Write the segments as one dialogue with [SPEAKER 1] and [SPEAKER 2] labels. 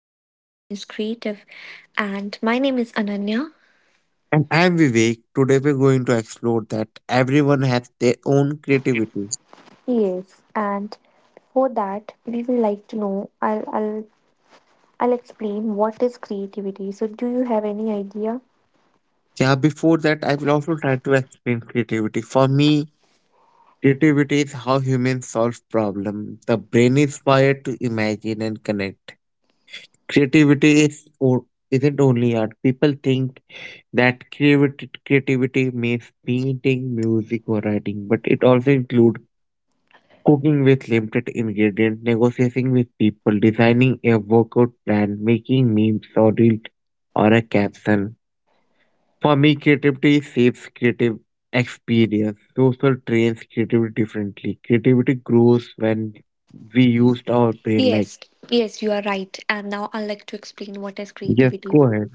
[SPEAKER 1] why everyone is creative. And my name is Ananya.
[SPEAKER 2] And I'm Vivek. Today we're going to explore that everyone has their own creativity.
[SPEAKER 1] Yes. And for that, we would like to know. I'll explain what is creativity. So do you have any idea?
[SPEAKER 2] Yeah, before that, I will also try to explain creativity. For me, creativity is how humans solve problems. The brain is wired to imagine and connect. Creativity is or isn't only art. People think that creativity means painting, music, or writing, but it also includes cooking with limited ingredients, negotiating with people, designing a workout plan, making memes or reel or a caption. For me, creativity shapes creative experience. Social trains creativity differently. Creativity grows when we used our brain, like,
[SPEAKER 1] Yes, yes, you are right. And now I'd like to explain what is
[SPEAKER 2] yes,
[SPEAKER 1] creativity.
[SPEAKER 2] go ahead.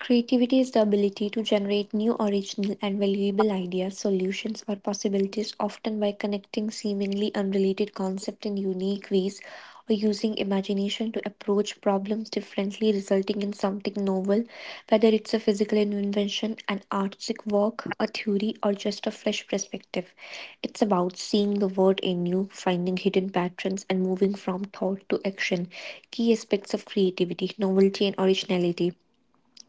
[SPEAKER 1] Creativity is the ability to generate new, original, and valuable ideas, solutions, or possibilities, often by connecting seemingly unrelated concepts in unique ways or using imagination to approach problems differently, resulting in something novel, whether it's a physical invention, an artistic work, a theory, or just a fresh perspective. It's about seeing the world anew, finding hidden patterns, and moving from thought to action. Key aspects of creativity, novelty, and originality,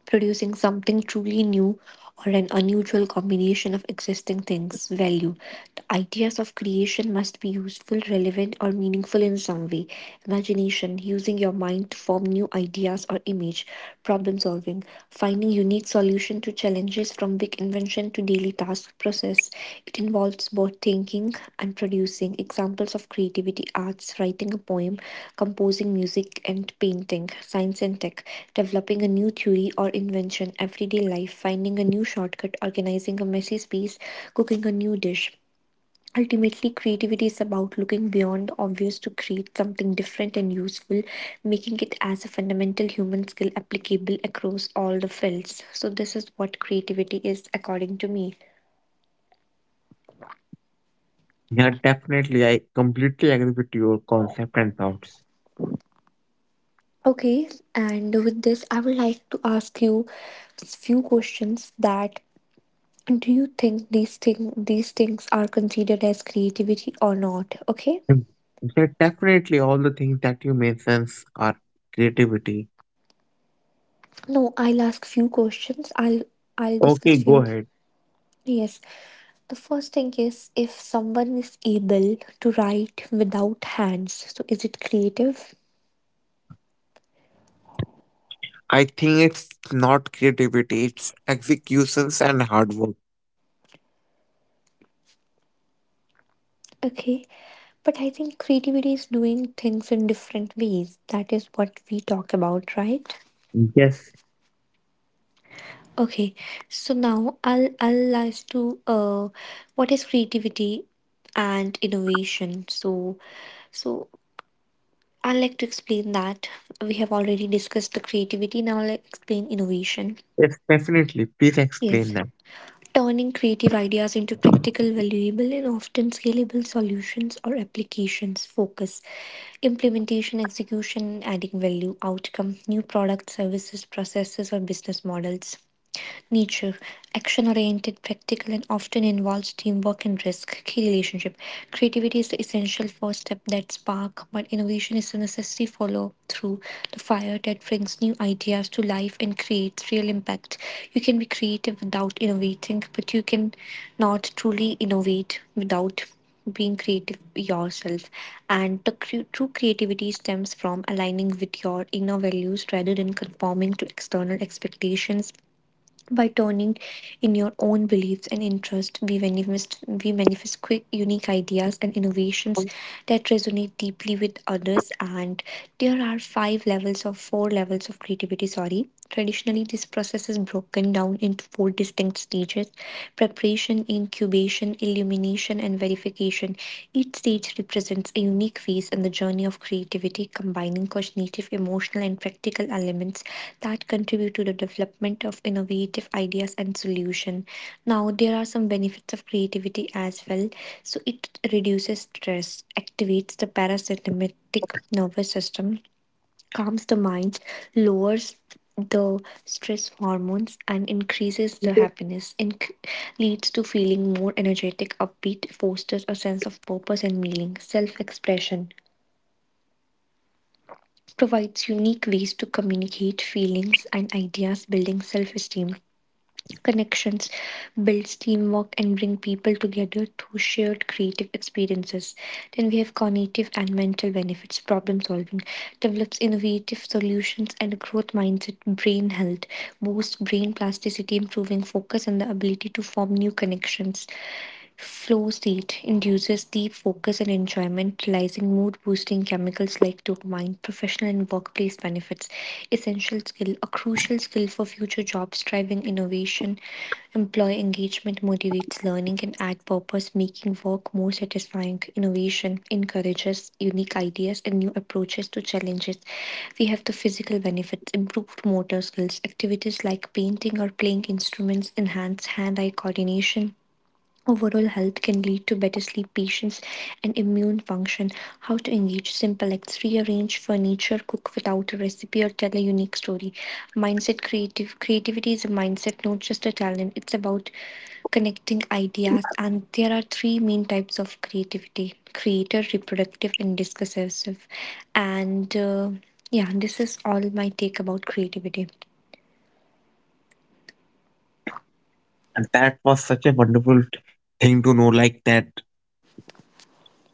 [SPEAKER 1] producing something truly new or an unusual combination of existing things. Value. The ideas of creation must be useful, relevant, or meaningful in some way. Imagination. Using your mind to form new ideas or image. Problem solving. Finding unique solution to challenges from big invention to daily task process. It involves both thinking and producing. Examples of creativity arts, writing a poem, composing music and painting, science and tech, developing a new theory or invention, everyday life, finding a new shortcut, organizing a messy space, cooking a new dish. Ultimately, creativity is about looking beyond the obvious to create something different and useful, making it as a fundamental human skill applicable across all the fields. So, this is what creativity is according to me.
[SPEAKER 2] Yeah, definitely. I completely agree with your concept and thoughts.
[SPEAKER 1] Okay, and with this, I would like to ask you few questions that do you think these things are considered as creativity or not? Okay.
[SPEAKER 2] Mm. Yeah, definitely. All the things that you mentioned are creativity.
[SPEAKER 1] No, I'll ask few questions. I'll
[SPEAKER 2] Okay,
[SPEAKER 1] discuss
[SPEAKER 2] go
[SPEAKER 1] few.
[SPEAKER 2] ahead.
[SPEAKER 1] Yes, the first thing is if someone is able to write without hands, so is it creative?
[SPEAKER 2] I think it's not creativity, it's executions and hard work.
[SPEAKER 1] Okay, but I think creativity is doing things in different ways. That is what we talk about, right?
[SPEAKER 2] Yes,
[SPEAKER 1] Okay, so now I'll as to what is creativity and innovation. So I'd like to explain that we have already discussed the creativity. Now I'll explain innovation.
[SPEAKER 2] yes, definitely. Please explain
[SPEAKER 1] Yes.
[SPEAKER 2] that.
[SPEAKER 1] Turning creative ideas into practical, valuable, and often scalable solutions or applications. Focus, implementation, execution, and adding value, outcome, new products, services, processes, or business models. Nature: action-oriented, practical, and often involves teamwork and risk. Key relationship: creativity is the essential first step, that spark, but innovation is the necessary follow-through, the fire that brings new ideas to life and creates real impact. You can be creative without innovating, but you can not truly innovate without being creative yourself, and true creativity stems from aligning with your inner values rather than conforming to external expectations by turning in your own beliefs and interests. We manifest quick, unique ideas and innovations that resonate deeply with others. And there are five levels or four levels of creativity. Sorry. Traditionally, this process is broken down into four distinct stages: preparation, incubation, illumination, and verification clarification. Each stage represents a unique phase in the journey of creativity, combining cognitive, emotional, and practical elements that contribute to the development of innovative ideas and solutions. Now, there are some benefits of creativity as well. So, it reduces stress, activates the parasympathetic nervous system, calms the mind, lowers the stress hormones, and increases the happiness. It leads to feeling more energetic, upbeat, fosters a sense of purpose and meaning, self expression, provides unique ways to communicate feelings and ideas, building self esteem, connections, builds teamwork, and bring people together through shared creative experiences. Then we have cognitive and mental benefits, problem solving, develops innovative solutions and a growth mindset, brain health, boosts brain plasticity, improving focus and the ability to form new connections. Flow state induces deep focus and enjoyment, releasing mood-boosting chemicals like dopamine. Professional and workplace benefits. Essential skill, a crucial skill for future jobs, driving innovation. Employee engagement motivates learning and adds purpose, making work more satisfying. Innovation encourages unique ideas and new approaches to challenges. We have the physical benefits, improved motor skills, activities like painting or playing instruments enhance hand eye coordination, overall health can lead to better sleep, patience, and immune function. How to engage simple acts, rearrange furniture, cook without a recipe, or tell a unique story. Mindset, creative creativity is a mindset, not just a talent. It's about connecting ideas, and there are three main types of creativity: creator, reproductive, and discursive. And yeah, this is all my take about creativity.
[SPEAKER 2] And that was such a wonderful thing to know, like that.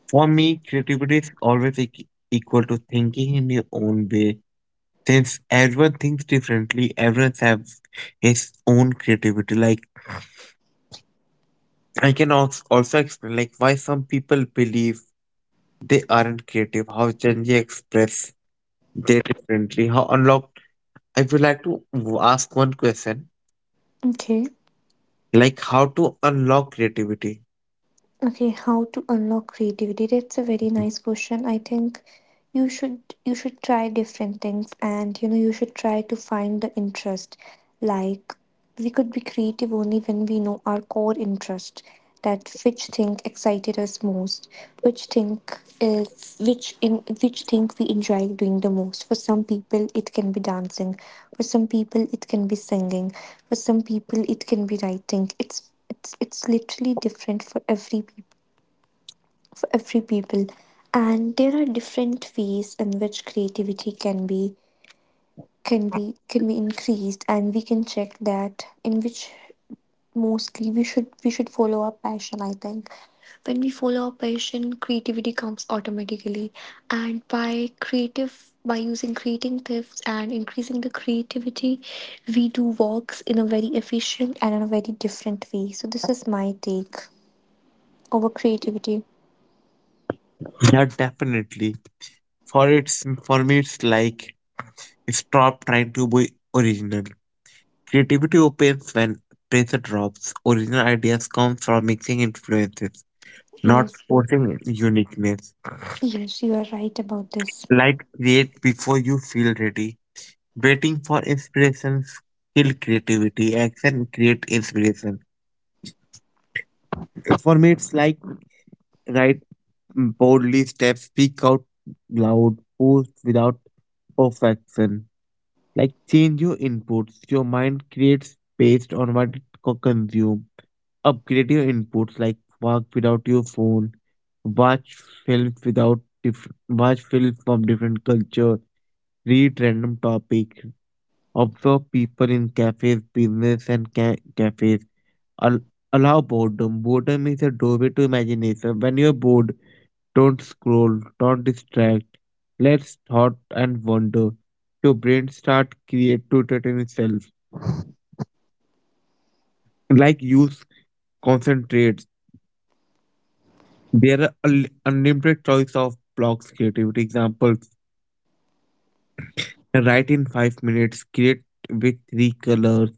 [SPEAKER 2] For me, creativity is always equal to thinking in your own way. Since everyone thinks differently, everyone has his own creativity. Like, I can also explain, like, why some people believe they aren't creative, how Gen Z express they differently, how unlocked. I would like to ask one question,
[SPEAKER 1] Okay.
[SPEAKER 2] like, how to unlock creativity?
[SPEAKER 1] Okay, how to unlock creativity? That's a very nice question. I think you should try different things, and you should try to find the interest. Like, we could be creative only when we know our core interest, that which thing excited us most, which thing is which in which thing we enjoy doing the most. For some people it can be dancing, for some people it can be singing, for some people it can be writing. It's literally different for every people, and there are different ways in which creativity can be can be increased, and we can check that in which. Mostly, we should follow our passion. I think when we follow our passion creativity comes automatically, and creative by using creatives and increasing the creativity, we do works in a very efficient and in a very different way. So this is my take over creativity.
[SPEAKER 2] Yeah, definitely. For me, it's like stop trying to be original. Creativity opens when pressure drops. Original ideas come from mixing influences, not
[SPEAKER 1] Yes,
[SPEAKER 2] forcing uniqueness.
[SPEAKER 1] yes, you are right about this.
[SPEAKER 2] Like, create before you feel ready. Waiting for inspirations kill creativity. Action create inspiration. For me, it's like write boldly steps, speak out loud, post without perfection. Like, change your inputs. Your mind creates based on what it consumes. Upgrade your inputs, like work without your phone, watch film without diff, watch film from different culture, read random topic, observe people in cafes, business and cafes. Al- Allow boredom. Boredom is a doorway to imagination. When you're bored, don't scroll, don't distract. Let's thought and wonder. Your brain start create to entertain itself. Like, use concentrate. There are unlimited choice of blocks creativity examples. Write in 5 minutes, create with three colors,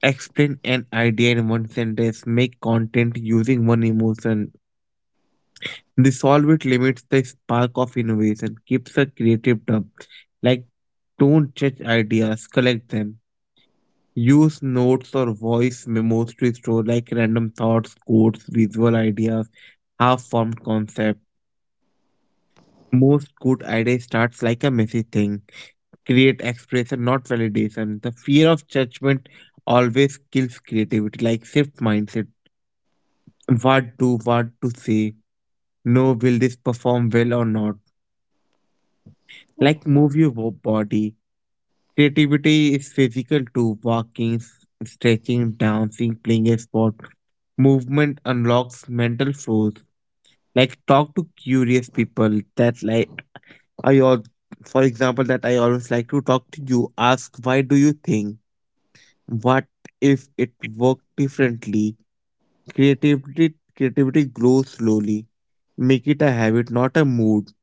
[SPEAKER 2] explain an idea in one sentence, make content using one emotion. The solve it limits the spark of innovation, keeps a creative dump. Like, don't judge ideas, collect them. Use notes or voice memos to store like random thoughts, quotes, visual ideas, half formed concepts. Most good idea starts like a messy thing. Create expression, not validation. The fear of judgment always kills creativity, like shift mindset. What do, what to say? No, will this perform well or not? Like, move your body. Creativity is physical too, walking, stretching, dancing, playing a sport. Movement unlocks mental flows. Like, talk to curious people. That, like, I al- for example, that I always like to talk to you. Ask why do you think? What if it worked differently? Creativity grows slowly. Make it a habit, not a mood.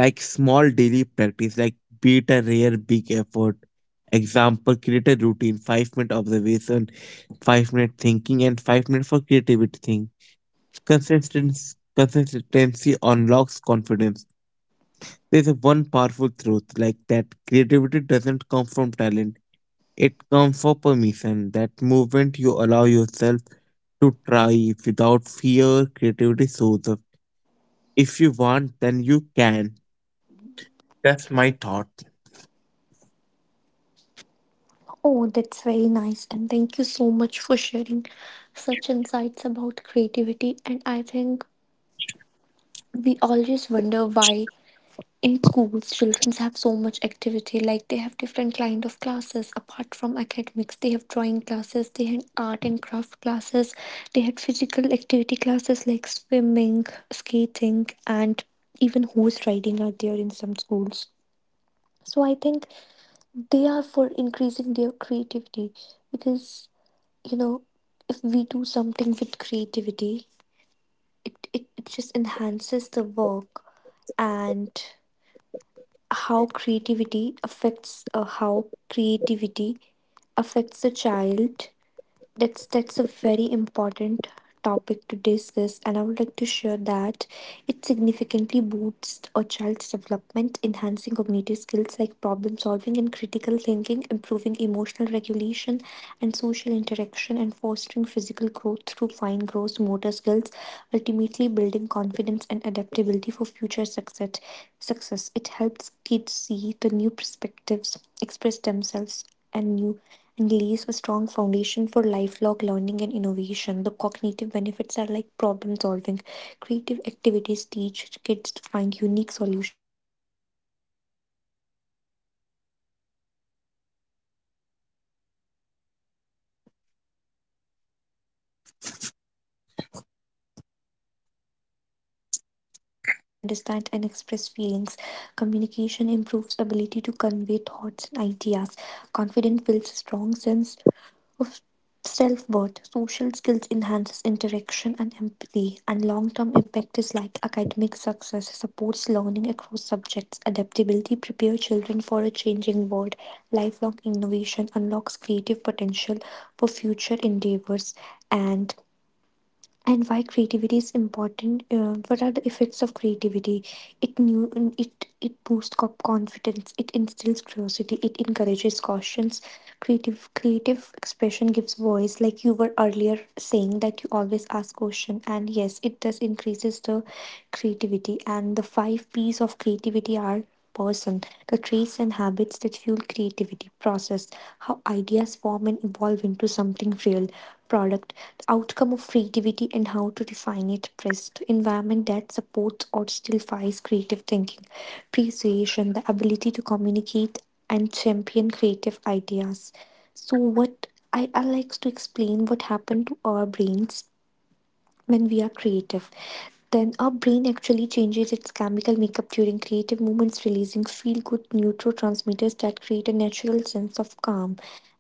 [SPEAKER 2] Like, small daily practice, like be it a rare big effort. Example, create a routine, 5 minute observation, 5 minute thinking, and 5 minutes for creativity thing. Consistency unlocks confidence. There's a one powerful truth like that creativity doesn't come from talent. It comes from permission, that movement you allow yourself to try without fear. Creativity shows up. If you want, then you can. That's my thought.
[SPEAKER 1] Oh, that's very nice. And thank you so much for sharing such insights about creativity. And I think we always wonder why in schools children have so much activity. Like, they have different kind of classes apart from academics. They have drawing classes, they had art and craft classes, they had physical activity classes like swimming, skating, and even horse riding are there in some schools. So I think they are for increasing their creativity, because you know if we do something with creativity it just enhances the work. And how creativity affects creativity the child, that's a very important topic to discuss, and I would like to share that it significantly boosts a child's development, enhancing cognitive skills like problem solving and critical thinking, improving emotional regulation and social interaction, and fostering physical growth through fine gross motor skills, ultimately building confidence and adaptability for future success. Success. It helps kids see the new perspectives, express themselves, and new and lays a strong foundation for lifelong learning and innovation. The cognitive benefits are like problem solving. Creative activities teach kids to find unique solutions and think flexibly. Critically thinking encourages deeper analysis and understanding of the world. Innovation spark new ideas and ways of approaching challenges. Emotional and social benefits. Emotional intelligence helps children understand and express feelings. Communication improves ability to convey thoughts and ideas. Confidence builds a strong sense of self worth. Social skills enhances interaction and empathy, and long term impact is like academic success, supports learning across subjects, adaptability prepare children for a changing world, lifelong innovation unlocks creative potential for future endeavors. And and why creativity is important, what are the effects of creativity? it new it boosts confidence, it instills curiosity, it encourages cautions. Creative expression gives voice, like you were earlier saying that you always ask question, and yes, it does increases the creativity. And the five p's of creativity are person, the traits and habits that fuel creativity, process, how ideas form and evolve into something real, product, the outcome of creativity and how to refine it, pressed, environment that supports or stills creative thinking, appreciation, the ability to communicate and champion creative ideas. So what I like to explain what happened to our brains when we are creative. Then our brain actually changes its chemical makeup during creative moments, releasing feel good neurotransmitters that create a natural sense of calm.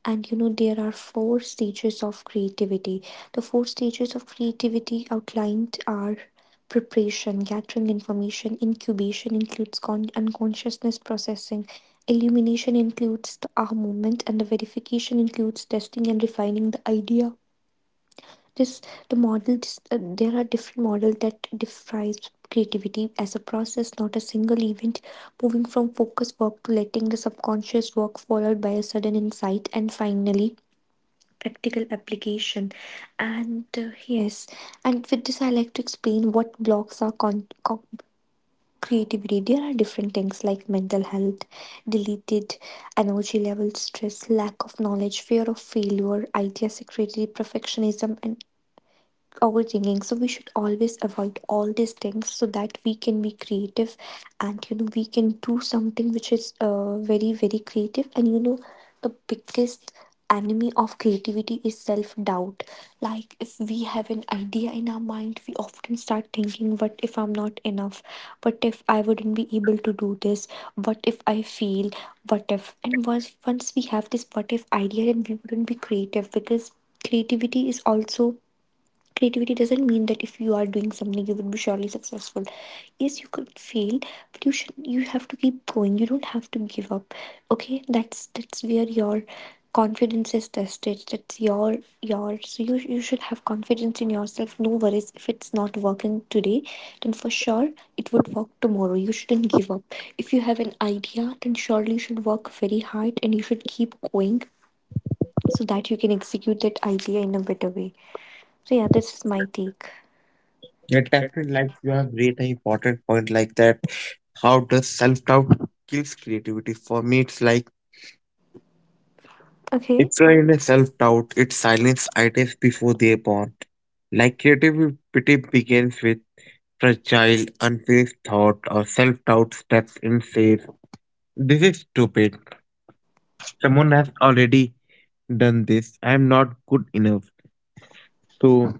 [SPEAKER 1] And there are four stages of creativity. The four stages of creativity outlined are preparation, gathering information, incubation includes unconsciousness processing, illumination includes the aha moment, and the verification includes testing and refining the idea. This the model this, There are different models that defines creativity as a process, not a single event, moving from focus work to letting the subconscious work, followed by a sudden insight, and finally practical application. And Yes. And with this, I like to explain what blocks are creativity. There are different things like mental health, deleted energy levels, stress, lack of knowledge, fear of failure, idea security, perfectionism, and overthinking. So we should always avoid all these things so that we can be creative, and we can do something which is very very creative. And you know The biggest enemy of creativity is self doubt. Like, if we have an idea in our mind, we often start thinking, what if I'm not enough? What if I wouldn't be able to do this? What if I fail? What if? And once we have this what if idea, then we wouldn't be creative, because creativity is also. Creativity doesn't mean that if you are doing something, you will be surely successful. Yes, you could fail, but you have to keep going. You don't have to give up. Okay, that's where your confidence is tested. That's your so you should have confidence in yourself. No worries if it's not working today, then for sure it would work tomorrow. You shouldn't give up. If you have an idea, then surely you should work very hard and you should keep going so that you can execute that idea in a better way. So yeah, this is my take.
[SPEAKER 2] Yeah, definitely. Like, you have raised an important point like that. How does self doubt kills creativity? For me, it's like if
[SPEAKER 1] Okay,
[SPEAKER 2] you're in a self doubt, it silences ideas before they're born. Like, creativity begins with fragile, unfinished thought or self doubt steps in says, this is stupid. Someone has already done this. I am not good enough. So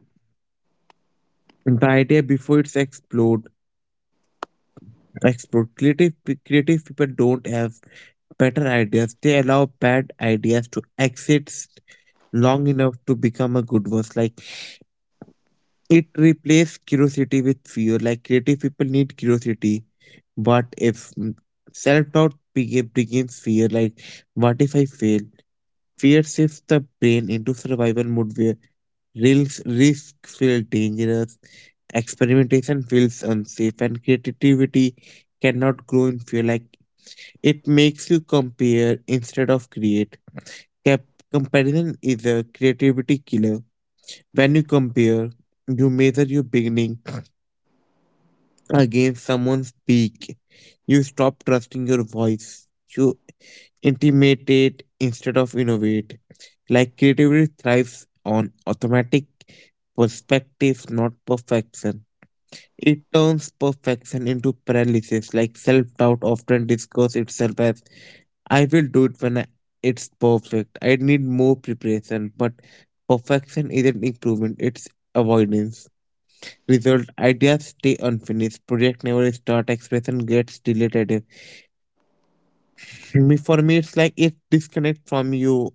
[SPEAKER 2] the idea before it's explode. Creative people don't have better ideas. They allow bad ideas to exist long enough to become a good one. Like, it replaces curiosity with fear. Like, creative people need curiosity, but if self doubt begins fear, like what if I fail? Fear shifts the brain into survival mode where risk feel dangerous, experimentation feels unsafe, and creativity cannot grow in fear. Like, it makes you compare instead of create. Cap- Comparison is a creativity killer. When you compare, you measure your beginning against someone's peak. You stop trusting your voice. You intimidate instead of innovate. Like, creativity thrives on automatic perspectives, not perfection. It turns perfection into paralysis, like self doubt often disguises itself as I will do it when I, it's perfect. I need more preparation, but perfection isn't improvement, it's avoidance. Result ideas stay unfinished, project never start, expression gets deleted. Me for me, it's like it disconnect from you,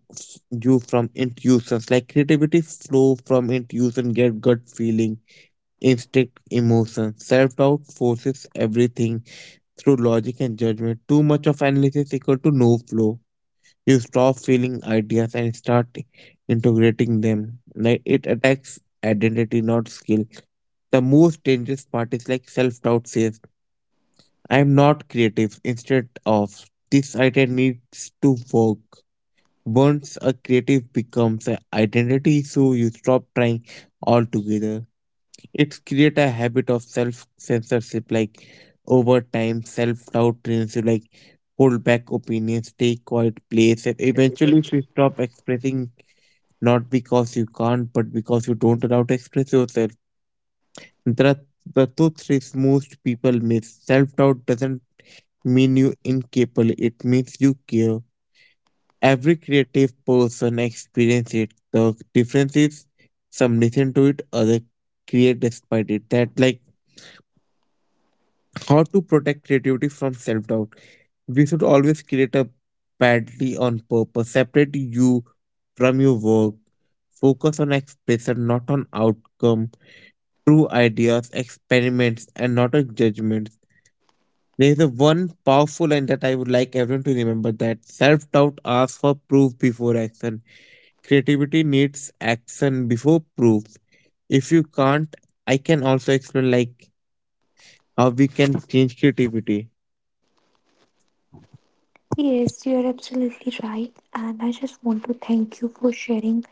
[SPEAKER 2] you from intuitions. Like, creativity flow from intuition, get gut feeling, instinct, emotion. Self doubt forces everything through logic and judgment. Too much of analysis equal to no flow. You stop feeling ideas and start integrating them. Like, it attacks identity, not skill. The most dangerous part is like self doubt says, I am not creative, instead of this idea needs to work. Once a creative becomes an identity, so you stop trying altogether. It create a habit of self censorship, like over time self doubt trains you, like hold back opinions, take quiet place, and eventually if you stop expressing not because you can't but because you don't allow to express yourself, the, the truth is most people miss self doubt doesn't mean you incapable, it means you care. Every creative person experience it. The difference is some listen to it, other create despite it. That like, how to protect creativity from self doubt. We should always create a badly on purpose, separate you from your work, focus on expression, not on outcome, true ideas, experiments, and not on judgments. There is a one powerful line that I would like everyone to remember that self doubt asks for proof before action. Creativity needs action before proof. If you can't, I can also explain like how we can change creativity.
[SPEAKER 1] yes, you're absolutely right. And I just want to thank you for sharing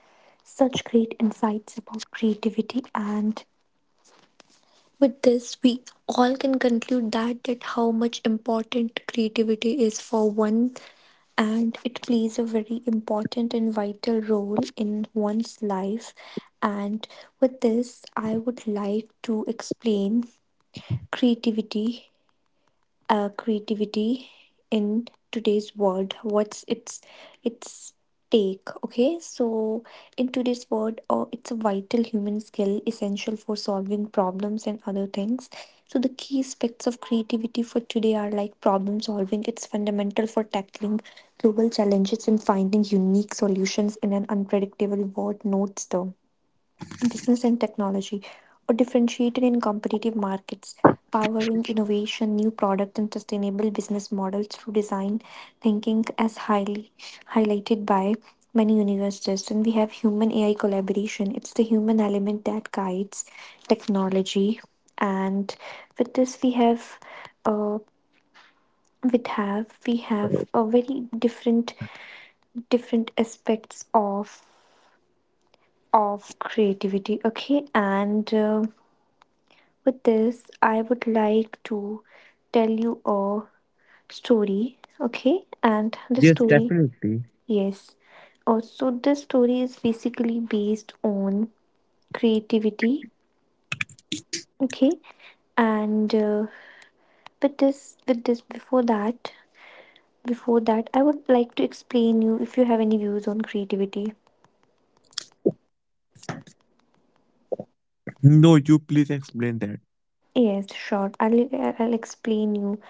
[SPEAKER 1] such great insights about creativity. And with this, we all can conclude that, how much important creativity is for one, and it plays a very important and vital role in one's life. And with this, I would like to explain creativity, creativity in today's world, what's its take. Okay, so in today's world, it's a vital human skill, essential for solving problems and other things. So the key aspects of creativity for today are like problem solving. It's fundamental for tackling global challenges and finding unique solutions in an unpredictable world. Notes the business and technology or differentiated in competitive markets, powering innovation, new products, and sustainable business models through design thinking, as highly highlighted by many universities. And we have human AI collaboration. It's the human element that guides technology. And with this, we have. Uh, with have We have a very different aspects of creativity. Okay. And with this, I would like to tell you a story, okay? And the
[SPEAKER 2] Yes,
[SPEAKER 1] story,
[SPEAKER 2] definitely.
[SPEAKER 1] yes. Also, this story is basically based on creativity, okay? And With this, before that, I would like to explain you if you have any views on creativity.
[SPEAKER 2] No, you please explain that.
[SPEAKER 1] Yes, sure. I'll explain you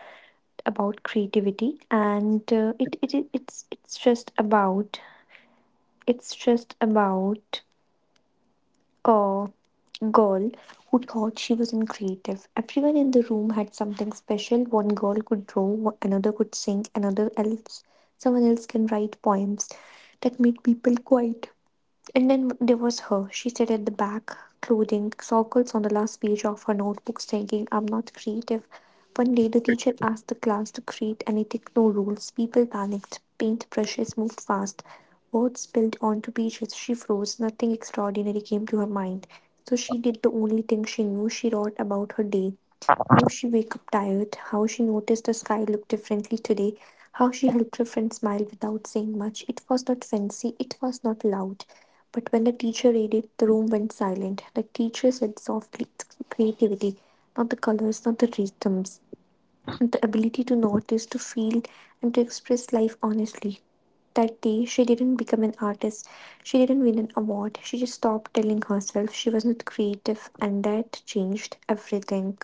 [SPEAKER 1] about creativity, and it, it's just about it's just about a girl who thought she was in creative. Everyone in the room had something special. One girl could draw, another could sing, another else someone else can write poems that made people quiet. And then there was her. She sat at the back, clothing circles on the last page of her notebook, thinking, I'm not creative. One day, the teacher asked the class to create anything, no rules. People panicked. Paint brushes moved fast. Words spilled onto pages. She froze. Nothing extraordinary came to her mind. So she did the only thing she knew. She wrote about her day: how she wake up tired, how she noticed the sky looked differently today, how she helped her friend smile without saying much. It was not fancy, it was not loud. But when the teacher read it, the room went silent. The teacher said softly, it's creativity, not the colors, not the rhythms, and the ability to notice, to feel, and to express life honestly. That day, she didn't become an artist. She didn't win an award. She just stopped telling herself she was not creative, and that changed everything.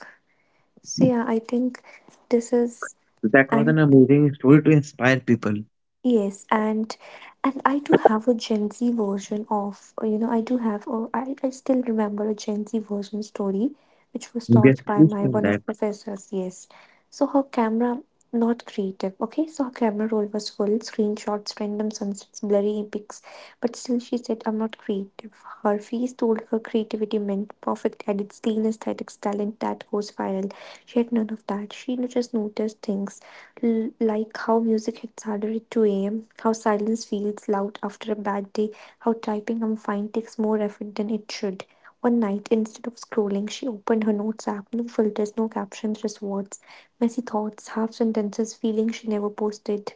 [SPEAKER 1] So yeah, I think this is.
[SPEAKER 2] That was
[SPEAKER 1] And
[SPEAKER 2] an amazing story to inspire people.
[SPEAKER 1] yes, and I do have a Gen Z version of I do have a, I still remember a Gen Z version story which was
[SPEAKER 2] Yes,
[SPEAKER 1] taught by
[SPEAKER 2] please
[SPEAKER 1] my
[SPEAKER 2] tell
[SPEAKER 1] one
[SPEAKER 2] that.
[SPEAKER 1] of professors. Yes, so her camera not creative. Okay, so her camera roll was full screenshots, random sunsets, blurry pics, but still she said I'm not creative. Her face told her creativity meant perfect edits, clean aesthetics, talent that goes viral. She had none of that. She just noticed things like how music hits harder at 2 a.m., how silence feels loud after a bad day, how typing I'm fine takes more effort than it should. One night, instead of scrolling, she opened her notes app, no filters, no captions, just words, messy thoughts, half sentences, feelings she never posted.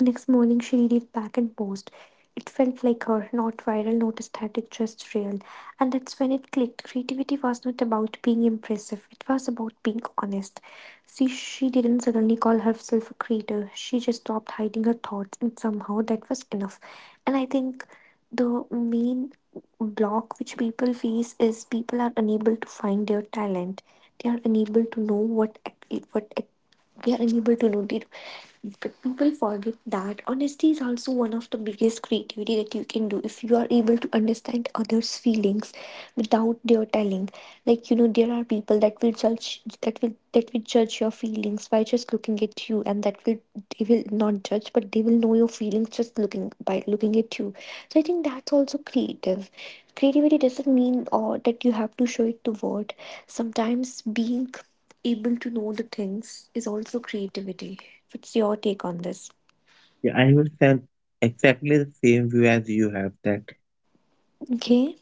[SPEAKER 1] Next morning, she read it back and paused. It felt like her, not viral, not static, just real. And that's when it clicked. Creativity was not about being impressive, it was about being honest. See, she didn't suddenly call herself a creator, she just stopped hiding her thoughts, and somehow that was enough. And I think the main block which people face is people are unable to find their talent, they are unable to know what, what we are unable to notice. But people forget that honesty is also one of the biggest creativity that you can do if you are able to understand others' feelings without their telling. There are people that will judge, that will judge your feelings by just looking at you, and that will they will not judge, but they will know your feelings just looking at you. So I think that's also creative. Creativity doesn't mean or that you have to show it to word. Sometimes being able to know the things is also creativity. What's your take on this?
[SPEAKER 2] Yeah, I will send exactly the same view as you have that.
[SPEAKER 1] Okay,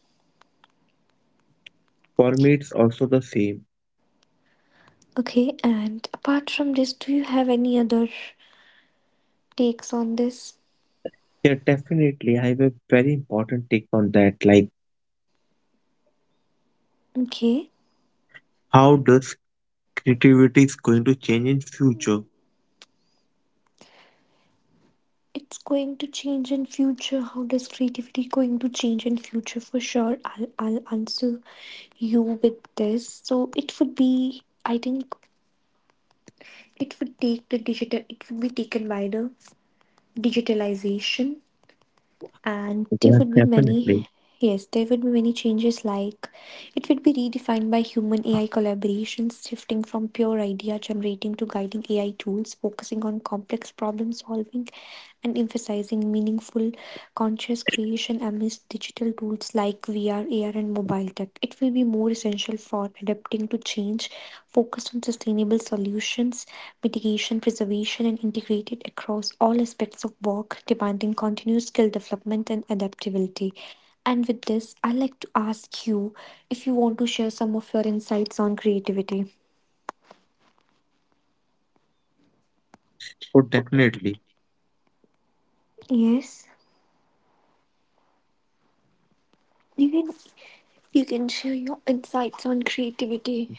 [SPEAKER 2] For me, it's also the same.
[SPEAKER 1] okay. And apart from this, do you have any other takes on this?
[SPEAKER 2] Yeah, definitely. I have a very important take on that. Like,
[SPEAKER 1] Okay,
[SPEAKER 2] how does creativity is going to change in future?
[SPEAKER 1] it's going to change in future. How does creativity going to change in future? For sure, I'll answer you with this. So it would be, I think, it would take the digital. It would be taken by the digitalization, and there
[SPEAKER 2] Yeah,
[SPEAKER 1] would be many.
[SPEAKER 2] definitely.
[SPEAKER 1] Yes, there would be many changes. Like, it would be redefined by human AI collaborations, shifting from pure idea generating to guiding AI tools, focusing on complex problem solving and emphasizing meaningful conscious creation amidst digital tools like VR, AR, and mobile tech. It will be more essential for adapting to change, focused on sustainable solutions, mitigation, preservation, and integrated across all aspects of work, demanding continued skill development and adaptability. And with this, I'd like to ask you if you want to share some of your insights on creativity.
[SPEAKER 2] Oh, definitely.
[SPEAKER 1] Yes, you can you can share your insights on creativity.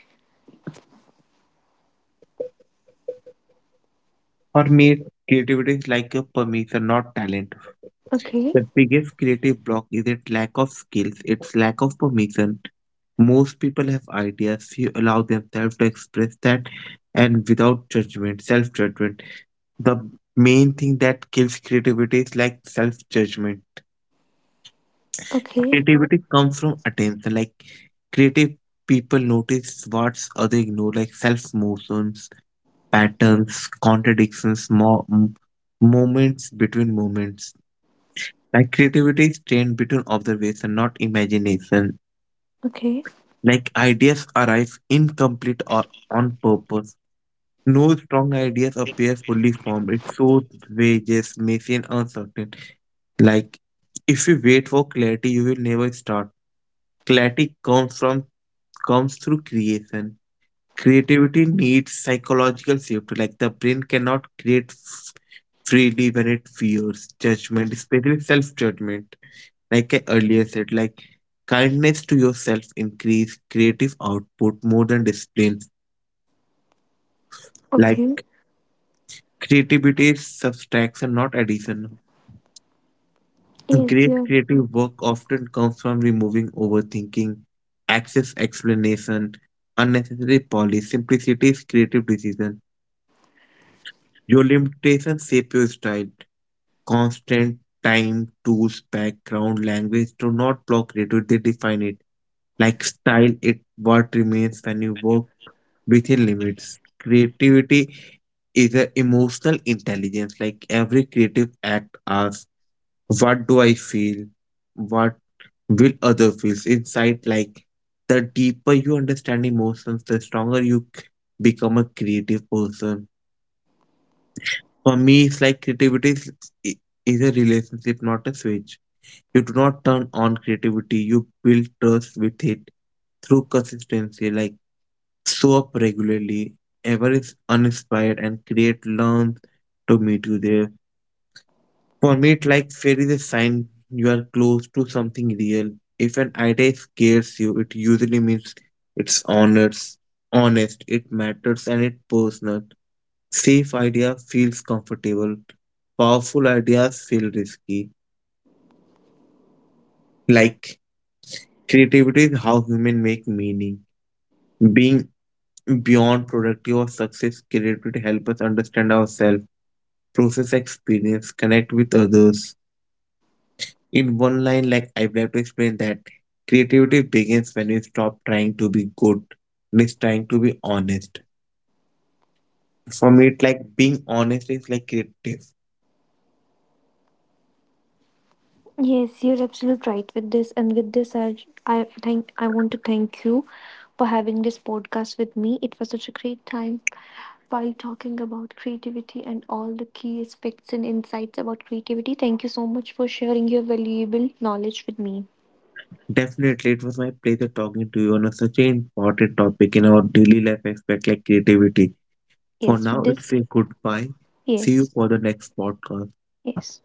[SPEAKER 2] For me, creativity is like a permission, not talent.
[SPEAKER 1] Okay,
[SPEAKER 2] The biggest creative block isn't lack of skills, it's lack of permission. Most people have ideas, few allow themselves to express that and without judgment, self judgment. The main thing that kills creativity is like self judgment.
[SPEAKER 1] okay,
[SPEAKER 2] Creativity comes from attention, like creative people notice what other ignore, like self motions, patterns, contradictions, moments between moments. Like, creativity is trained between observation, not imagination.
[SPEAKER 1] okay,
[SPEAKER 2] Like, ideas arrive incomplete or on purpose. No strong ideas appear fully formed. It shows wages, messy and uncertain. Like, if you wait for clarity, you will never start. Clarity comes through creation. Creativity needs psychological safety. Like, the brain cannot create freely when it fears judgment, especially self-judgment. Like, I earlier said, like kindness to yourself increase creative output more than discipline.
[SPEAKER 1] okay.
[SPEAKER 2] Like, creativity is subtraction, not addition.
[SPEAKER 1] Yes,
[SPEAKER 2] Great
[SPEAKER 1] you're
[SPEAKER 2] creative work often comes from removing overthinking, excess explanation, unnecessary polish. Simplicity is creative decision. Your limitations shape your style. Constant time, tools, background, language do not block creativity, they define it. Like, style it what remains when you work within limits. Creativity is an emotional intelligence. Like, every creative act asks, what do I feel? What will other feels inside? Like, the deeper you understand emotions, the stronger you become a creative person. For me, it's like creativity i- is a relationship, not a switch. You do not turn on creativity, you build trust with it through consistency. Like, show up regularly, ever is uninspired, and create learn to meet you there. For me, it's like fear is a sign you are close to something real. If an idea scares you, it usually means it's honest, it matters, and it's personal. Safe idea feels comfortable. Powerful ideas feel risky. Like, creativity is how humans make meaning. Being beyond productive or success, creativity help us understand ourselves process experience, connect with others. In one line, like I would like to explain that creativity begins when you stop trying to be good and is trying to be honest. For me, it like being honest is like creative.
[SPEAKER 1] Yes, you're absolutely right with this. And with this, I want to thank you for having this podcast with me. It was such a great time while talking about creativity and all the key aspects and insights about creativity. Thank you so much for sharing your valuable knowledge with me.
[SPEAKER 2] Definitely, it was my pleasure talking to you on a, such an important topic in our daily life aspect like creativity. For
[SPEAKER 1] Yes,
[SPEAKER 2] now,
[SPEAKER 1] with
[SPEAKER 2] it's
[SPEAKER 1] this.
[SPEAKER 2] a goodbye. See you
[SPEAKER 1] Yes.
[SPEAKER 2] for the next podcast.
[SPEAKER 1] Yes.